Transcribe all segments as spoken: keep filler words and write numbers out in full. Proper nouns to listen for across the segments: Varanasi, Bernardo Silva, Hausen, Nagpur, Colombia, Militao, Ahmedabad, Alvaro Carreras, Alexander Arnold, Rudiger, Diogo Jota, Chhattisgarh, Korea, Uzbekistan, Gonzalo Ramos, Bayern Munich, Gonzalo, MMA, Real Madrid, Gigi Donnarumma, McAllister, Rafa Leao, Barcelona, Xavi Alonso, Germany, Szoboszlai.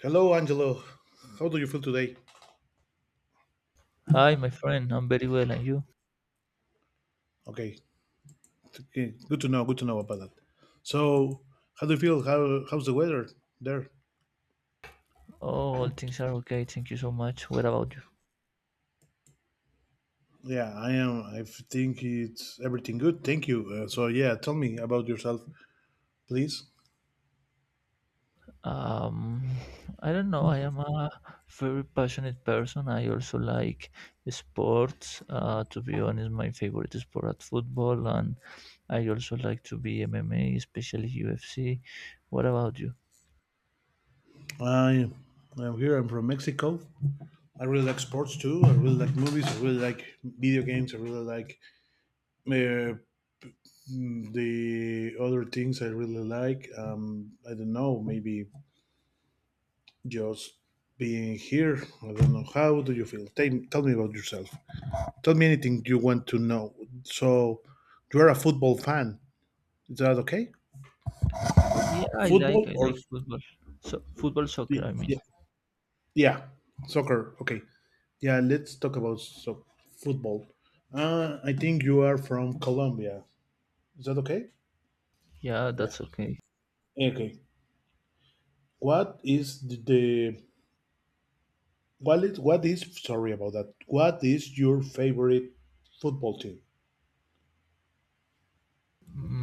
Hello, Angelo. How do you feel today? Hi, my friend. I'm very well, and you? Okay, okay, good to know. Good to know about that. So, how do you feel? How how's the weather there? Oh, all things are okay. Thank you so much. What about you? Yeah, I am. I think it's everything good. Thank you. Uh, so, yeah, tell me about yourself, please. Um, I don't know. I am a very passionate person. I also like sports. Uh, to be honest, my favorite sport is football, and I also like to be M M A, especially U F C. What about you? I I'm here. I'm from Mexico. I really like sports too. I really like movies. I really like video games. I really like uh, mm, the other things. I really like. Um, I don't know. Maybe just being here. I don't know how do you feel. Tell, tell me about yourself. Tell me anything you want to know. So, you're a football fan. Is that okay? Yeah, I Football like I or like football. So football soccer, I mean. y- yeah, soccer. Okay. Yeah, let's talk about so football. Uh, I think you are from Colombia. Is that okay? Yeah, Yeah. that's okay. Okay. What is the, the what is what is sorry about that. What is your favorite football team?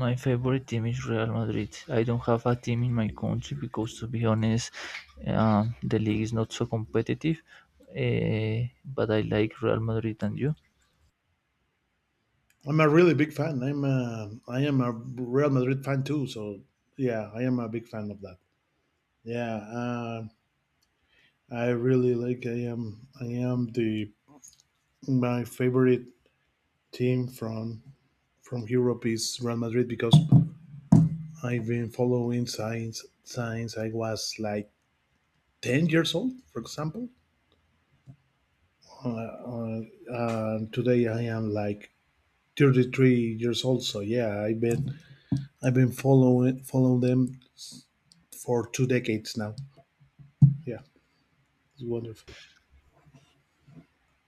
My favorite team is Real Madrid. I don't have a team in my country because, to be honest, uh, the league is not so competitive. Uh, but I like Real Madrid and you. I'm a really big fan. I'm a, I am a Real Madrid fan too. So yeah, I am a big fan of that. Yeah, uh, I really like. I am I am the my favorite team from from Europe is Real Madrid because I've been following since since I was like ten years old, for example. Uh, uh, uh, Today I am like thirty three years old. So yeah, I've been I've been following following them for two decades now. Yeah. It's wonderful.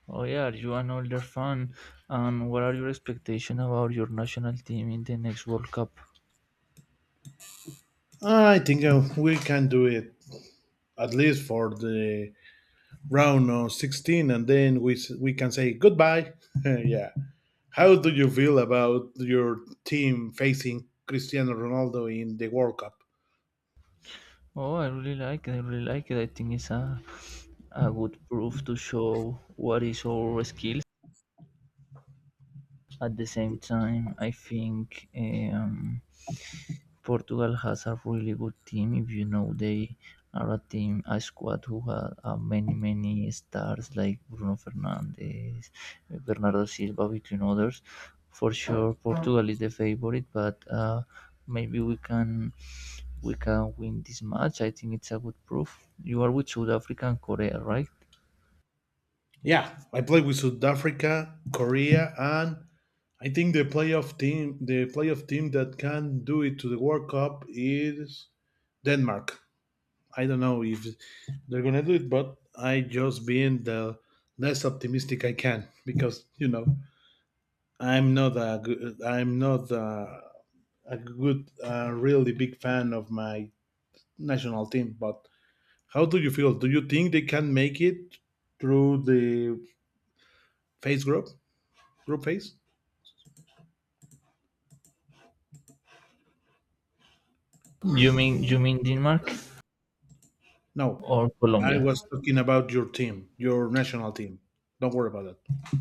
Oh yeah, are you an older fan? And what are your expectations about your national team in the next World Cup? I think uh, we can do it at least for the round of sixteen, and then we s- we can say goodbye. Yeah. How do you feel about your team facing Cristiano Ronaldo in the World Cup? Oh, I really like it. I really like it. I think it's a a good proof to show what is our skill. At the same time, I think um, Portugal has a really good team. If you know, they are a team, a squad who have uh, many, many stars like Bruno Fernandes, Bernardo Silva, between others. For sure, Portugal is the favorite, but uh, maybe we can we can win this match. I think it's a good proof. You are with South Africa and Korea, right? Yeah, I play with South Africa, Korea, and I think the playoff team, the playoff team that can do it to the World Cup is Denmark. I don't know if they're gonna do it, but I just being the less optimistic I can, because you know I'm not a good, I'm not a, a good, uh really big fan of my national team. But how do you feel? Do you think they can make it through the phase group group phase? You mean you mean Denmark No, or I Colombia? was talking about your team, your national team. Don't worry about that.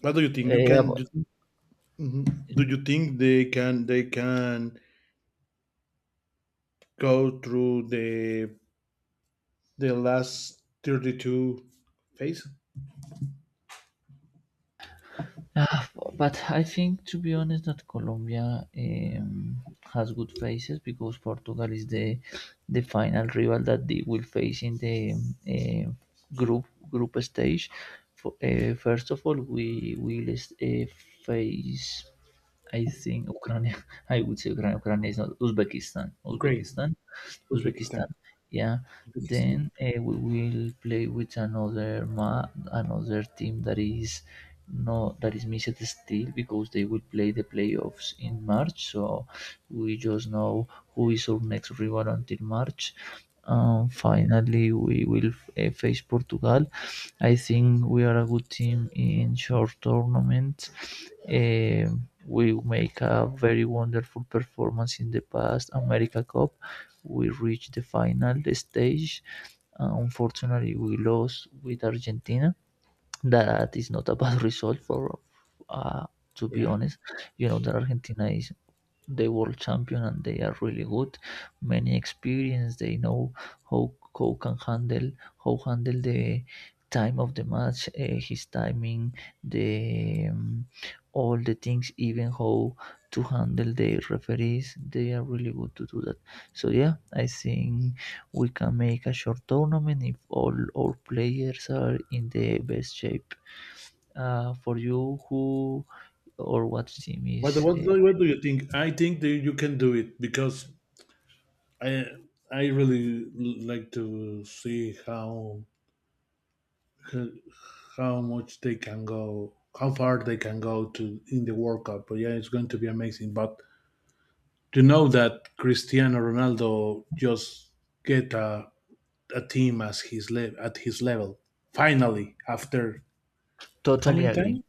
What do you think? You Eh, can. Do you Mhm. Do you think they can? They can go through the the last thirty-two phase. Ah, but I think, to be honest, that Colombia um, has good faces because Portugal is the the final rival that they will face in the um, group group stage. For, uh, first of all, we will uh, face, I think, Ukraine. I would say Ukraine. Ukraine is not Uzbekistan. Ukraine, Uzbekistan. Uzbekistan, Uzbekistan, yeah. Uzbekistan. Then uh, we will play with another ma- another team that is no that is missed still because they will play the playoffs in March. So we just know who is our next rival until March. Um, finally we will uh, face Portugal. I think we are a good team in short tournaments. um, we make a very wonderful performance in the past America Cup. We reached the final stage. Uh, unfortunately, we lost with Argentina. That is not a bad result for, uh, to be Yeah. honest. You know that Argentina is the world champion, and they are really good. Many experience, they know how how can handle how handle the time of the match, uh, his timing, the um, all the things, even how to handle the referees. They are really good to do that. So yeah, I think we can make a short tournament if all our players are in the best shape. Uh, for you, who or what team is What uh, what do, what do you think? I think that you can do it, because I I really like to see how how much they can go, how far they can go to in the World Cup. But yeah, it's going to be amazing. But to know that Cristiano Ronaldo just get a, a team as his le- at his level finally after how totally many times? agree?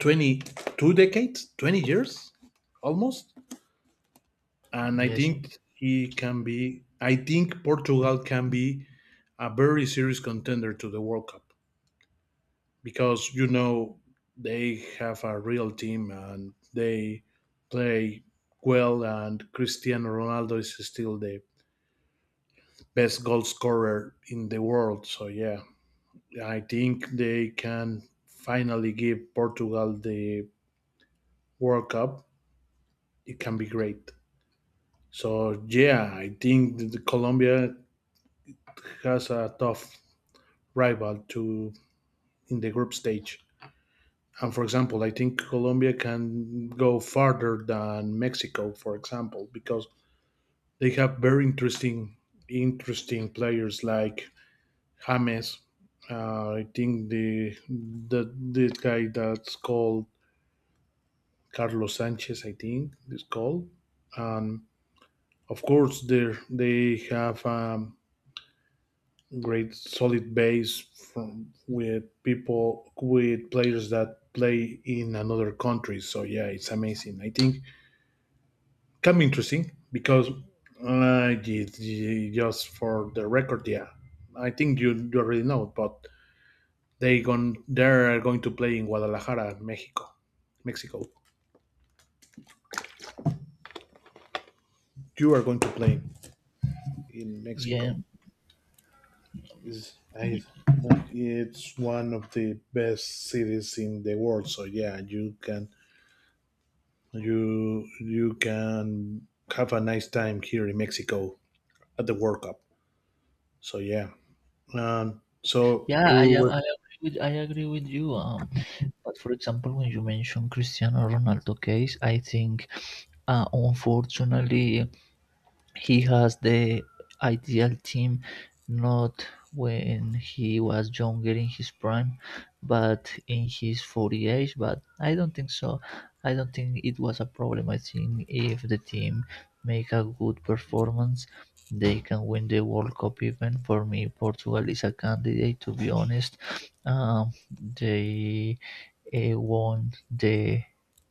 twenty-two decades, twenty years almost. And I Yes, think he can be, I think Portugal can be a very serious contender to the World Cup, because, you know, they have a real team and they play well. And Cristiano Ronaldo is still the best goal scorer in the world. So, yeah, I think they can finally give Portugal the World Cup. It can be great. So yeah, I think that the Colombia has a tough rival to in the group stage. And for example, I think Colombia can go farther than Mexico, for example, because they have very interesting, interesting players like James. Uh, I think the the the guy that's called Carlos Sanchez, I think is called. And of course, they they have um, great solid base from with people with players that play in another country. So yeah, it's amazing. I think it can be interesting because uh, y- y- just for the record, yeah, I think you, you already know, but they gone they're going to play in Guadalajara, Mexico, Mexico. You are going to play in yeah, Mexico. Is I y- It's one of the best cities in the world. So yeah, you can you you can have a nice time here in Mexico at the World Cup. So yeah, um, so yeah. I you am. were I agree with. I agree with you. Um, but for example, when you mention Cristiano Ronaldo case, I think, uh, unfortunately, he has the ideal team, not when he was younger in his prime, but in his forty age. But I don't think so. I don't think it was a problem. I think if the team make a good performance, they can win the World Cup. Even for me, Portugal is a candidate. To be honest, um, they they won the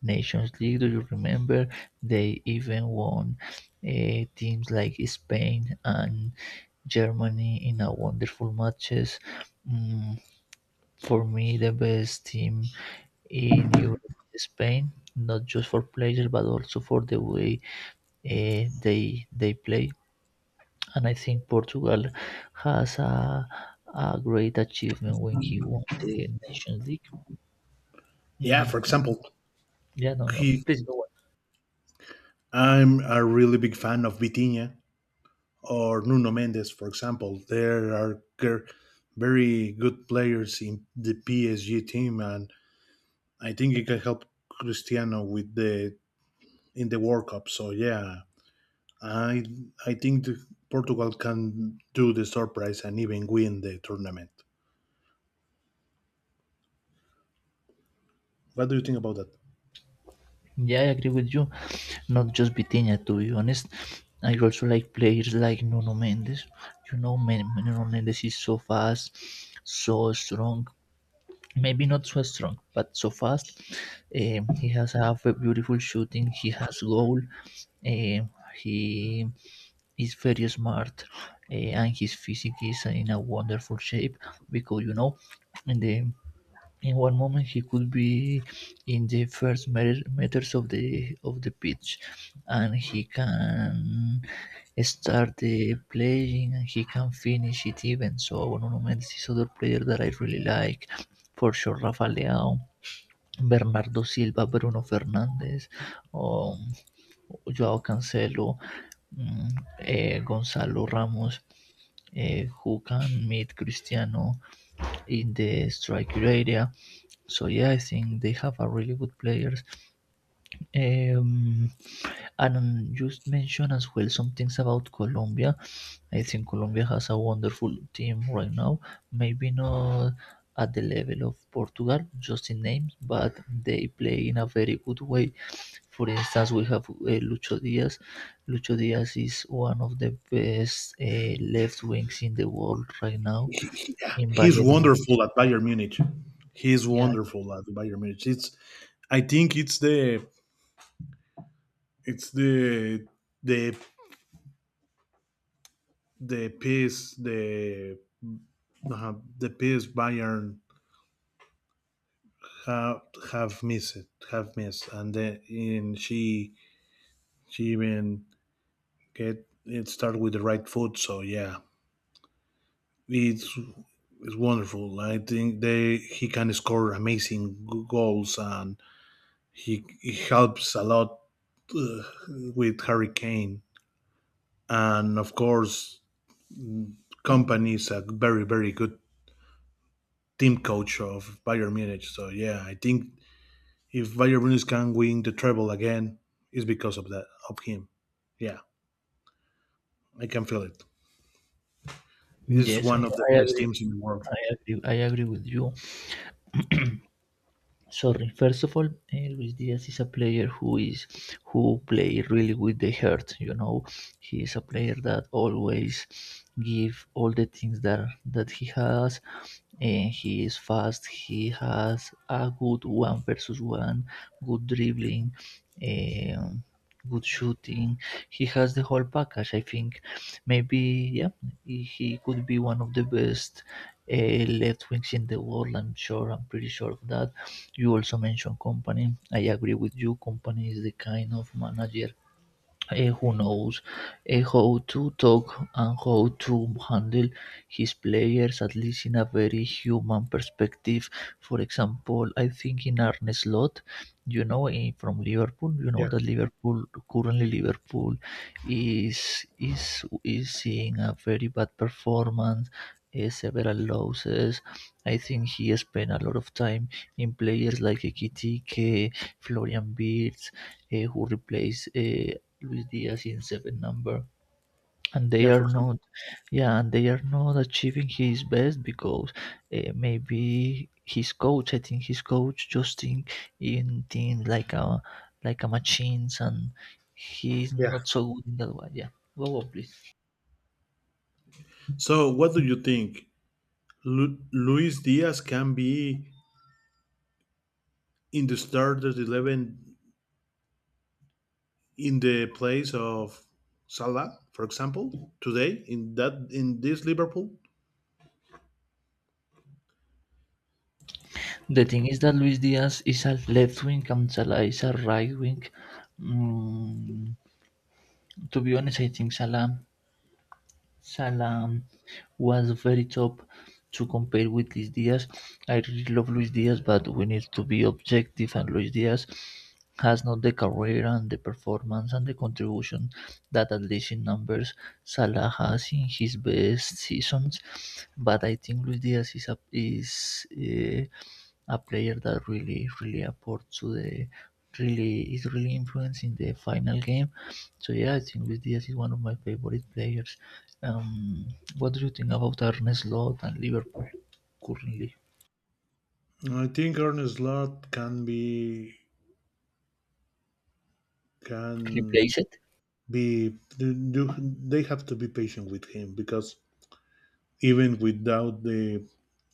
Nations League. Do you remember? They even won uh, teams like Spain and Germany in a wonderful matches. Mm, for me, the best team in Europe is Spain, not just for players but also for the way uh, they they play. And I think Portugal has a a great achievement when he won the Nations League. yeah. For Mm, example, yeah, no, no. he, Please go on. I'm a really big fan of Vitinha or Nuno Mendes. For example, there are gr- very good players in the P S G team, and I think it can help Cristiano with the in the World Cup. So yeah, I I think the, Portugal can do the surprise and even win the tournament. What do you think about that? Yeah, I agree with you. Not just Vitinha, to be honest. I also like players like Nuno Mendes. You know, Men- Nuno Mendes is so fast, so strong. Maybe not so strong, but so fast. Um, he has a v- beautiful shooting. He has goal. Um, he is very smart, uh, and his physique is in a wonderful shape, because you know, in the in one moment he could be in the first meter- meters of the of the pitch, and he can start the playing and he can finish it even. So Bono Mendes is other player that I really like. For sure, Rafa Leao, Bernardo Silva, Bruno Fernández, um, Joao Cancelo, mm, eh, Gonzalo Ramos, eh, who can meet Cristiano in the striker area. So yeah, I think they have a really good players. Um, and um, just mention as well some things about Colombia. I think Colombia has a wonderful team right now. Maybe not at the level of Portugal, just in names, but they play in a very good way. For instance, we have uh, Lucho Diaz. Lucho Diaz is one of the best uh, left wings in the world right now He- he- yeah, in he's Bayern Munich. wonderful at Bayern Munich. He's Yeah, wonderful at Bayern Munich. It's, I think it's the it's the the the piece the uh, the piece Bayern have have missed have missed, and then in she she even get it started with the right foot. So yeah, it's it's wonderful. I think they he can score amazing goals and He, he helps a lot uh, with Hurricane, and of course, company is a very very good team coach of Bayern Munich. So yeah, I think if Bayern Munich can win the treble again, it's because of that of him. Yeah, I can feel it. He's yes, I, one of the I best agree. teams in the world. I agree. I agree with you. Sorry, first of all, eh, Luis Diaz is a player who is who play really with the heart, you know. He is a player that always give all the things that that he has, and he is fast, he has a good one versus one, good dribbling, um, good shooting. He has the whole package. I think maybe yeah, he he could be one of the best uh, left wings in the world. I'm sure, I'm pretty sure of that. You also mention company. I agree with you, company is the kind of manager eh, who knows eh, how to talk and how to handle his players, at least in a very human perspective. For example, I think in Arne Slot, you know, in, from Liverpool, you know Yeah, that Liverpool currently Liverpool is is is seeing a very bad performance. eh, Several losses. I think he spent a lot of time in players like Ekitike, Florian Wirtz, eh, who replaced uh, Luis Diaz in seven number, and they yeah. For are example, not, yeah, and they are not achieving his best because uh, maybe his coach, I think his coach just think in things like a like a machines, and he's yeah. not so good in that way. Yeah, go on, please. So what do you think? Lu- Luis Diaz can be in the starters eleven in the place of Salah, for example, today in that in this Liverpool? The thing is that Luis Diaz is a left wing and Salah is a right wing. Mm, to be honest, I think Salah Salam was very tough to compare with Luis Diaz. I really love Luis Diaz, but we need to be objective. And Luis Diaz has not the career and the performance and the contribution that, at least in numbers, Salah has in his best seasons. But I think Luis Diaz is a, is uh, a player that really really apports to the really is really influencing the final game. So yeah, I think Luis Diaz is one of my favorite players. Um, what do you think about Arne Slot and Liverpool currently? I think Arne Slot can be can Replace it? be do they have to be patient with him, because even without the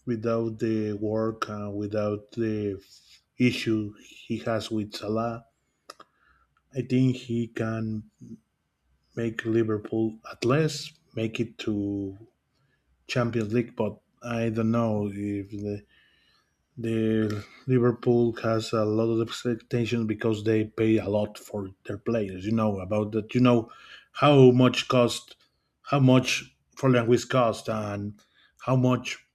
without the work uh, without the issue he has with Salah, I think he can make Liverpool at least make it to Champions League. But I don't know if the, the Liverpool has a lot of expectations because they pay a lot for their players. You know about that. You know how much cost, how much Florian Wirtz cost, and how much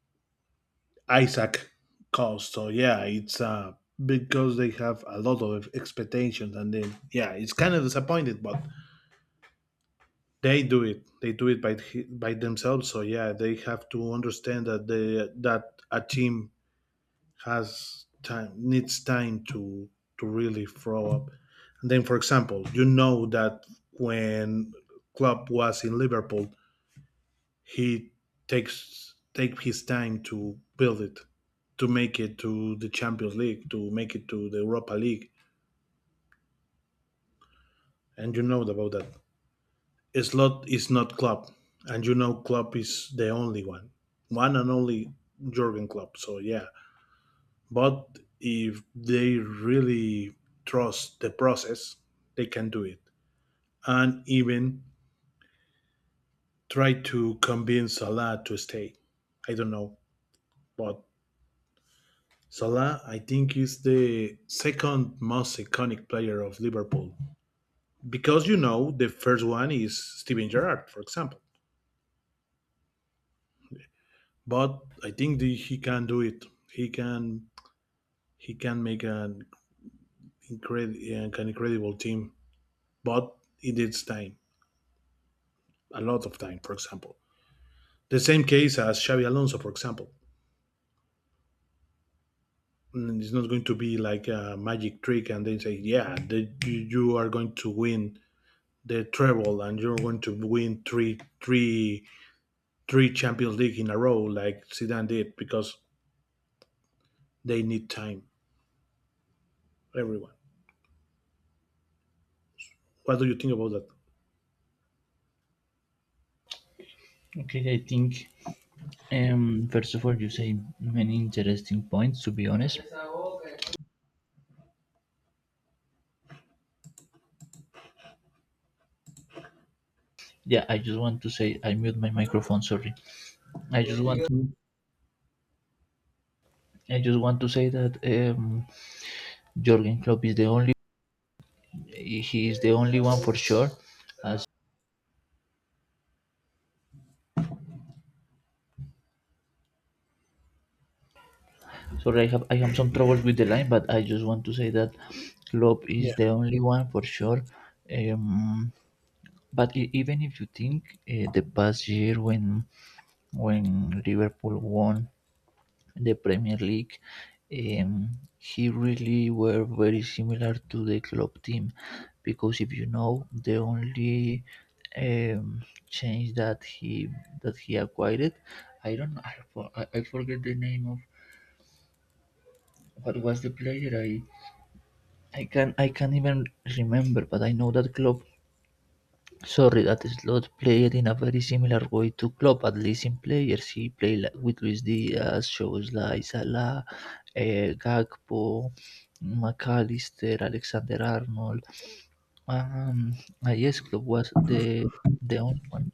Isaac cost. So yeah, it's uh because they have a lot of expectations, and then yeah, it's kind of disappointed, but they do it. They do it by by themselves. So yeah, they have to understand that they that a team has time needs time to to really throw up. And then, for example, you know that when Klopp was in Liverpool, he takes take his time to build it, to make it to the Champions League, to make it to the Europa League, and you know about that. Slot is not Klopp, and you know Klopp is the only one, one and only Jurgen Klopp. So yeah, but if they really trust the process, they can do it and even try to convince Salah to stay. I don't know, but Salah, I think, is the second most iconic player of Liverpool, because you know the first one is Steven Gerrard, for example. But I think the, he can do it. He can he can make an, incredi- an incredible team, but it needs time, a lot of time, for example. The same case as Xavi Alonso, for example. It's not going to be like a magic trick and then say, yeah, the, you are going to win the treble and you're going to win three, three, three Champions League in a row like Zidane did, because they need time, everyone. What do you think about that? Okay, I think um first of all, you say many interesting points, to be honest. Yeah, I just want to say I mute my microphone, sorry. I just want I just want to say that um Jürgen Klopp is the only he is the only one for sure as. Sorry, I have I have some troubles with the line, but I just want to say that Klopp Yeah, is the only one for sure. Um, but e- even if you think uh, the past year, when when Liverpool won the Premier League, um, he really were very similar to the Klopp team, because if you know, the only um, change that he that he acquired, I don't know, I, for- I I forget the name of what was the player. I I can I can't even remember, but I know that Klopp. Sorry, that Slot played in a very similar way to Klopp, at least in players. He played li- with Luis Diaz, Szoboszlai, Salah, eh, Gakpo, McAllister, Alexander Arnold. Um, ah, yes, Klopp was the the only one.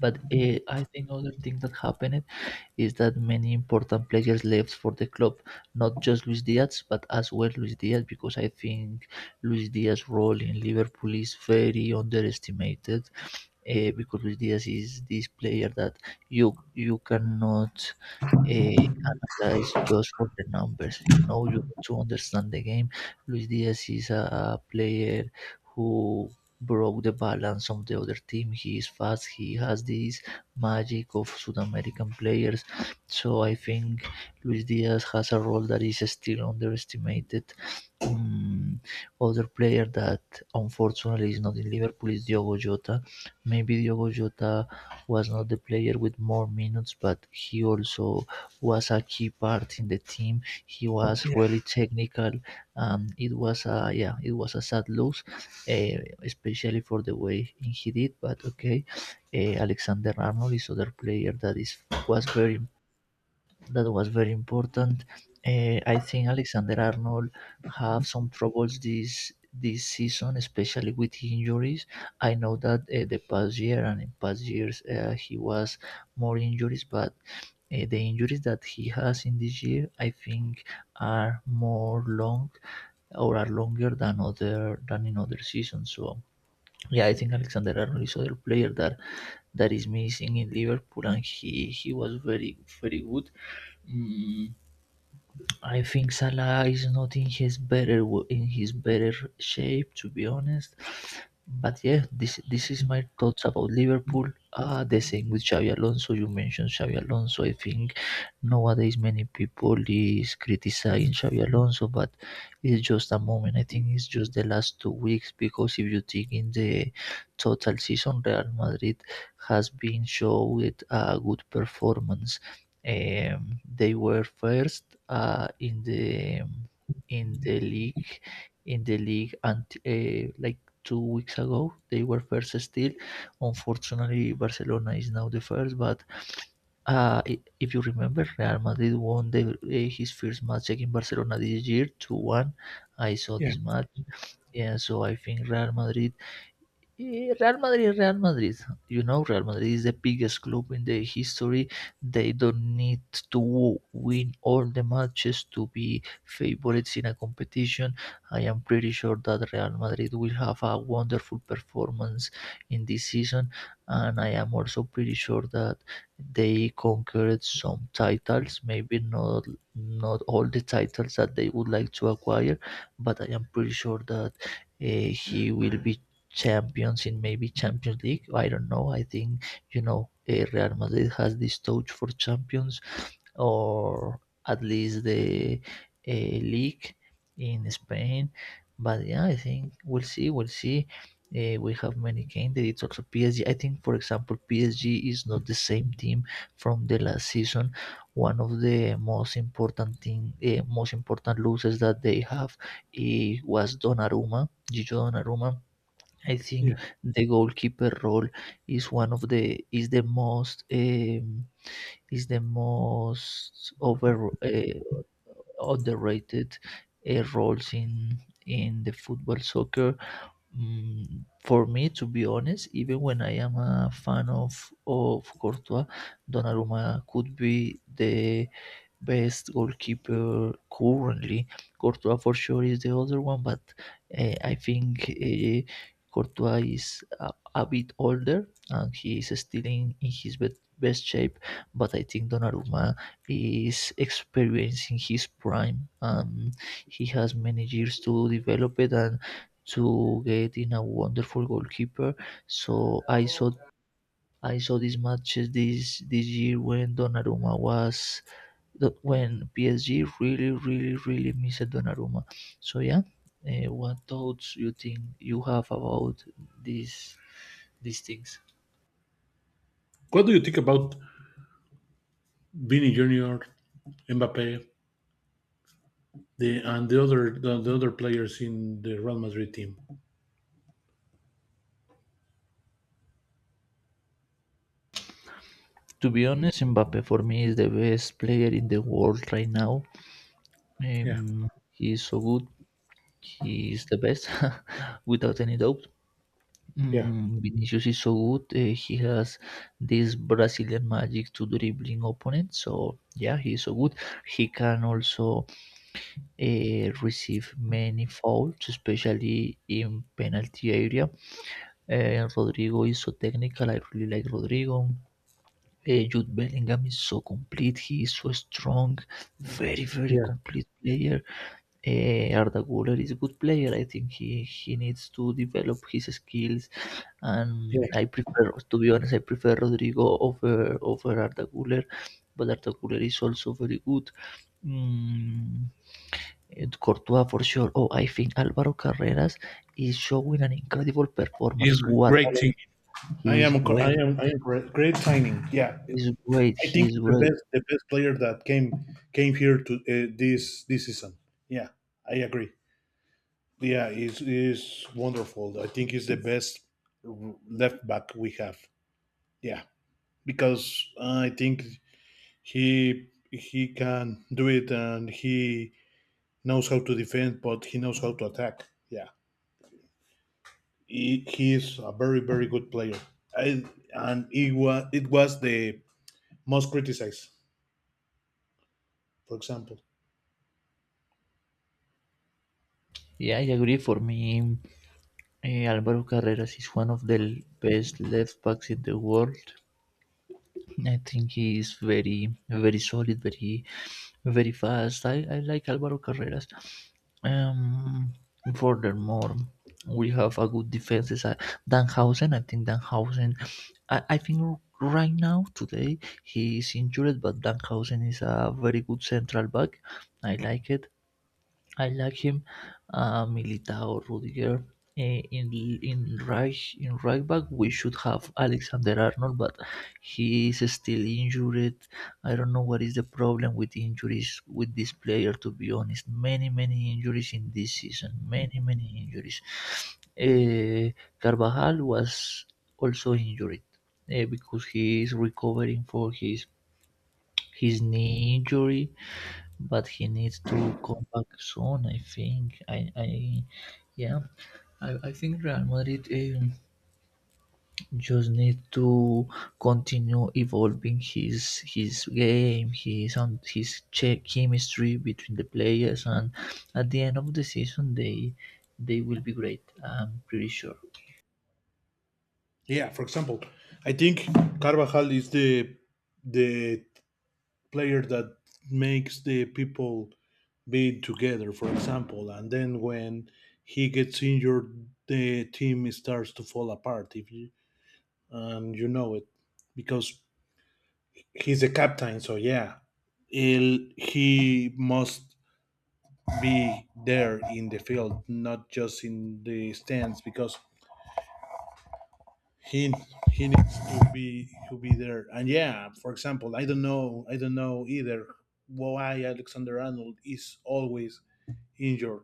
But uh, I think other thing that happened is that many important players left for the club, not just Luis Diaz, but as well Luis Diaz, because I think Luis Diaz's role in Liverpool is very underestimated, uh, because Luis Diaz is this player that you you cannot uh, analyze just for the numbers. You know, you need to understand the game. Luis Diaz is a player who broke the balance of the other team. He is fast. He has this magic of South American players. So I think Luis Diaz has a role that is still underestimated. Um, Other player that unfortunately is not in Liverpool is Diogo Jota. Maybe Diogo Jota was not the player with more minutes, but he also was a key part in the team. He was really technical, and it was a yeah, it was a sad loss, eh, especially for the way he did. But okay, eh, Alexander Arnold is other player that is was very that was very important. Eh, I think Alexander Arnold have some troubles this this season, especially with injuries. I know that uh, the past year and in past years uh, he was more injuries, but uh, the injuries that he has in this year, I think, are more long or are longer than other than in other seasons. So yeah, I think Alexander Arnold is other player that that is missing in Liverpool, and he he was very very good. Mm, I think Salah is not in his better w- in his better shape, to be honest. But yeah, this this is my thoughts about Liverpool. Ah, the same with Xavi Alonso. You mentioned Xavi Alonso. I think nowadays many people is criticizing Xavi Alonso, but it's just a moment. I think it's just the last two weeks because if you take in the total season, Real Madrid has been shown a good performance. Um, they were first uh, in the in the league in the league until uh, like two weeks ago they were first still. Unfortunately, Barcelona is now the first, but uh, i- if you remember, Real Madrid won the, uh, his first match against Barcelona this year two one. I saw yeah, this match, yeah, so I think Real Madrid, Eh, Real Madrid, Real Madrid. You know, Real Madrid is the biggest club in the history. They don't need to win all the matches to be favorites in a competition. I am pretty sure that Real Madrid will have a wonderful performance in this season, and I am also pretty sure that they conquered some titles. Maybe not not all the titles that they would like to acquire, but I am pretty sure that uh, he will be champions in maybe Champions League. I don't know. I think you know eh, Real Madrid has this touch for champions, or at least the uh, league in Spain. But yeah, I think we'll see. We'll see. Uh, we have many candidates. Also, P S G. I think, for example, P S G is not the same team from the last season. One of the most important thing, uh, most important losses that they have eh, was Donnarumma, Gigi Donnarumma, I yeah. think. The goalkeeper role is one of the is the most um, is the most over uh, underrated uh, roles in in the football soccer. Mm, for me, to be honest, even when I am a fan of of Courtois, Donnarumma could be the best goalkeeper currently. Courtois for sure is the other one, but uh, I think uh, Courtois is a, a bit older and he is still in, in his bet best shape. But I think Donnarumma is experiencing his prime. Um, he has many years to develop it and to get in a wonderful goalkeeper. So I saw I saw these matches this this year when Donnarumma was that when P S G really, really, really missed Donnarumma. So yeah, uh, what thoughts you think you have about these these things? What do you think about Vini Junior, Mbappe, the and the other the, the other players in the Real Madrid team? To be honest, Mbappe for me is the best player in the world right now. Yeah, Um, he is so good. He is the best, without any doubt. yeah, Mm, Vinicius is so good. Uh, he has this Brazilian magic to dribbling opponents. So yeah, he is so good. He can also eh, received many fouls, especially in penalty area. Uh, Rodrigo is so technical. I really like Rodrigo. Uh, Jude Bellingham is so complete. He is so strong, very very yeah, complete player. Uh, Arda Güler is a good player. I think he he needs to develop his skills. And yeah. I prefer, to be honest, I prefer Rodrigo over over Arda Güler, but Arda Güler is also very good. Mm, Courtois for sure. Oh, I think Alvaro Carreras is showing an incredible It's performance. a What great talent. team. I He's am. Co- I great. am. I am correct. Great signing. Yeah, He's great. I think He's it's the great. best. The best player that came came here to uh, this this season. Yeah, I agree. Yeah, is is wonderful. I think it's the best left back we have. Yeah, because I think he he can do it, and he knows how to defend, but he knows how to attack. Yeah, he, he is a very very good player. I, and it was it was the most criticized, for example. Yeah, I agree. For me, eh, Alvaro Carreras is one of the l- best left backs in the world. I think he is very, very solid, very, very fast. I, I like Alvaro Carreras. Um, Furthermore, we have a good defense side. Danhausen, I think Danhausen, I, I think right now, today, he is injured, but Danhausen is a very good central back. I like it. I like him, uh, Militao, Rudiger. Eh, In in right in right back we should have Alexander Arnold, but he is still injured. I don't know what is the problem with injuries with this player. To be honest, many many injuries in this season, many many injuries. Eh, Carvajal was also injured eh, because he is recovering for his his knee injury, but he needs to come back soon. I think. I, I yeah. I, I think Real Madrid um, just need to continue evolving his his game, his and his che- chemistry between the players, and at the end of the season they they will be great. I'm pretty sure. Yeah, for example, I think Carvajal is the the player that makes the people be together, for example, and then when he gets injured, the team starts to fall apart. If you And you know it, because he's a captain, so yeah, he'll, he must be there in the field, not just in the stands, because he he needs to be to be there. And yeah, for example, i don't know I don't know either why Alexander Arnold is always injured.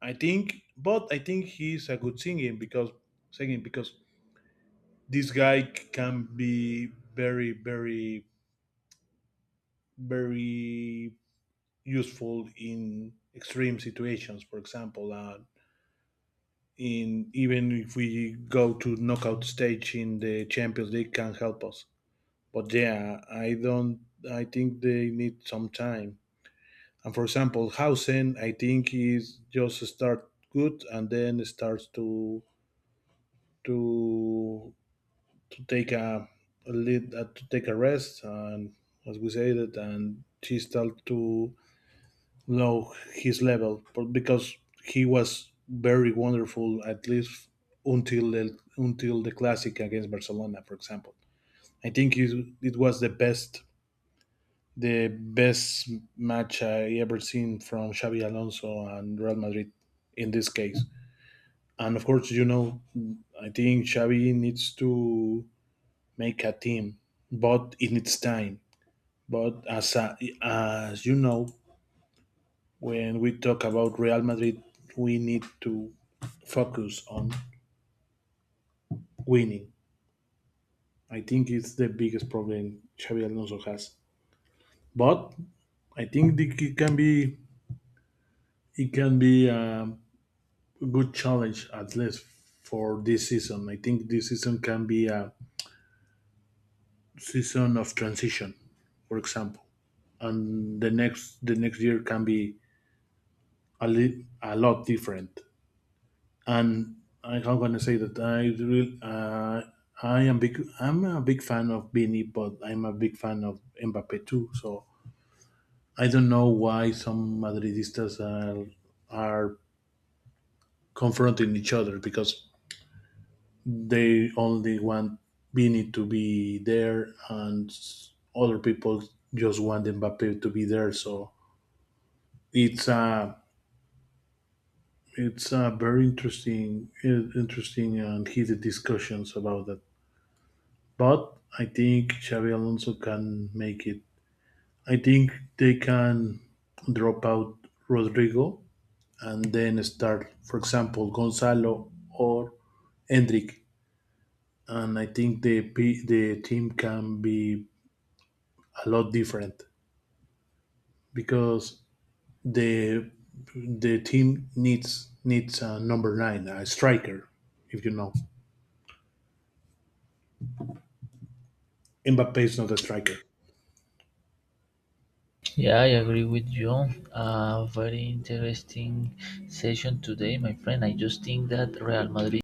i think but I think he's a good singing, because singing because this guy can be very very very useful in extreme situations, for example. Uh, in Even if we go to knockout stage in the Champions League, can help us. But yeah, I don't. I think they need some time. And for example, Hausen, I think is just start good and then starts to to to take a, a lead, uh, to take a rest, and as we said it, and he start to know his level, but because he was very wonderful at least until the until the classic against Barcelona, for example. I think it, it was the best the best match I ever seen from Xabi Alonso and Real Madrid in this case. And of course, you know, I think Xabi needs to make a team, but it needs time. But as a, as you know, when we talk about Real Madrid, we need to focus on winning. I think it's the biggest problem Xabi Alonso has. But I think it can be it can be a good challenge at least for this season. I think this season can be a season of transition, for example, and the next the next year can be a, li- a lot different. And I am gonna say that I really uh, I am big I'm a big fan of Vini, but I'm a big fan of Mbappe too. So I don't know why some Madridistas are are confronting each other, because they only want Vini to be there, and s- other people just want Mbappe to be there. So it's a it's a very interesting in- interesting and heated discussions about that. But I think Xavi Alonso can make it. I think they can drop out Rodrigo and then start, for example, Gonzalo or Hendrik. And I think the p- the team can be a lot different, because the the team needs needs a number nine, a striker, if you know. Mbappe is not a striker. Yeah, I agree with you. Uh, very interesting session today, my friend. I just think that Real Madrid.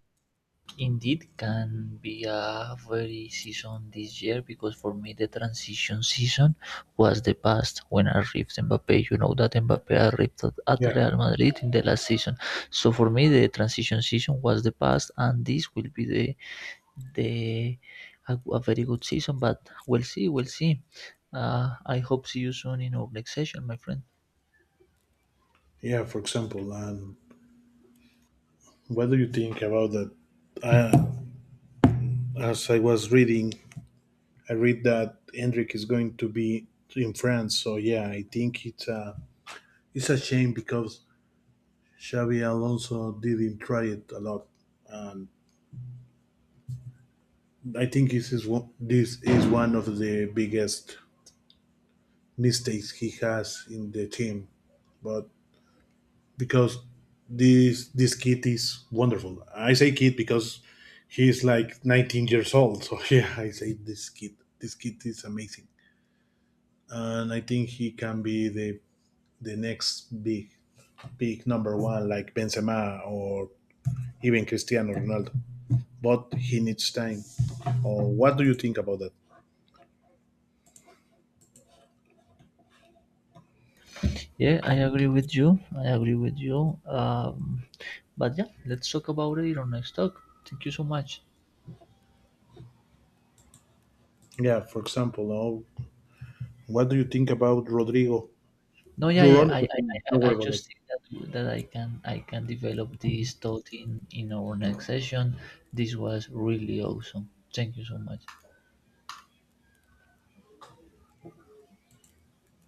Indeed, can be a very season this year because for me the transition season was the past when arrived Mbappe. You know that Mbappe arrived at at Yeah, Real Madrid in the last season, so for me the transition season was the past, and this will be the the a, a very good season. But we'll see, we'll see. Uh, I hope see you soon in our next session, my friend. yeah. For example, and what do you think about that? Uh, as I was reading, I read that Hendrik is going to be in France. So yeah, I think it's a it's a shame, because Xavi Alonso didn't try it a lot, and I think this is one, this is one of the biggest mistakes he has in the team, but because this this kid is wonderful. I say kid because he's like nineteen years old. So yeah, I say this kid. This kid is amazing, and I think he can be the the next big big number one like Benzema or even Cristiano Ronaldo. But he needs time. Or what do you think about that? Yeah, I agree with you. I agree with you. Um, but yeah, let's talk about it on next talk. Thank you so much. Yeah, for example, no, what do you think about Rodrigo? No, yeah, Your yeah. honest I, I, opinion. Don't I worry I about that. just think that that I can I can develop this thought in in our next session. This was really awesome. Thank you so much.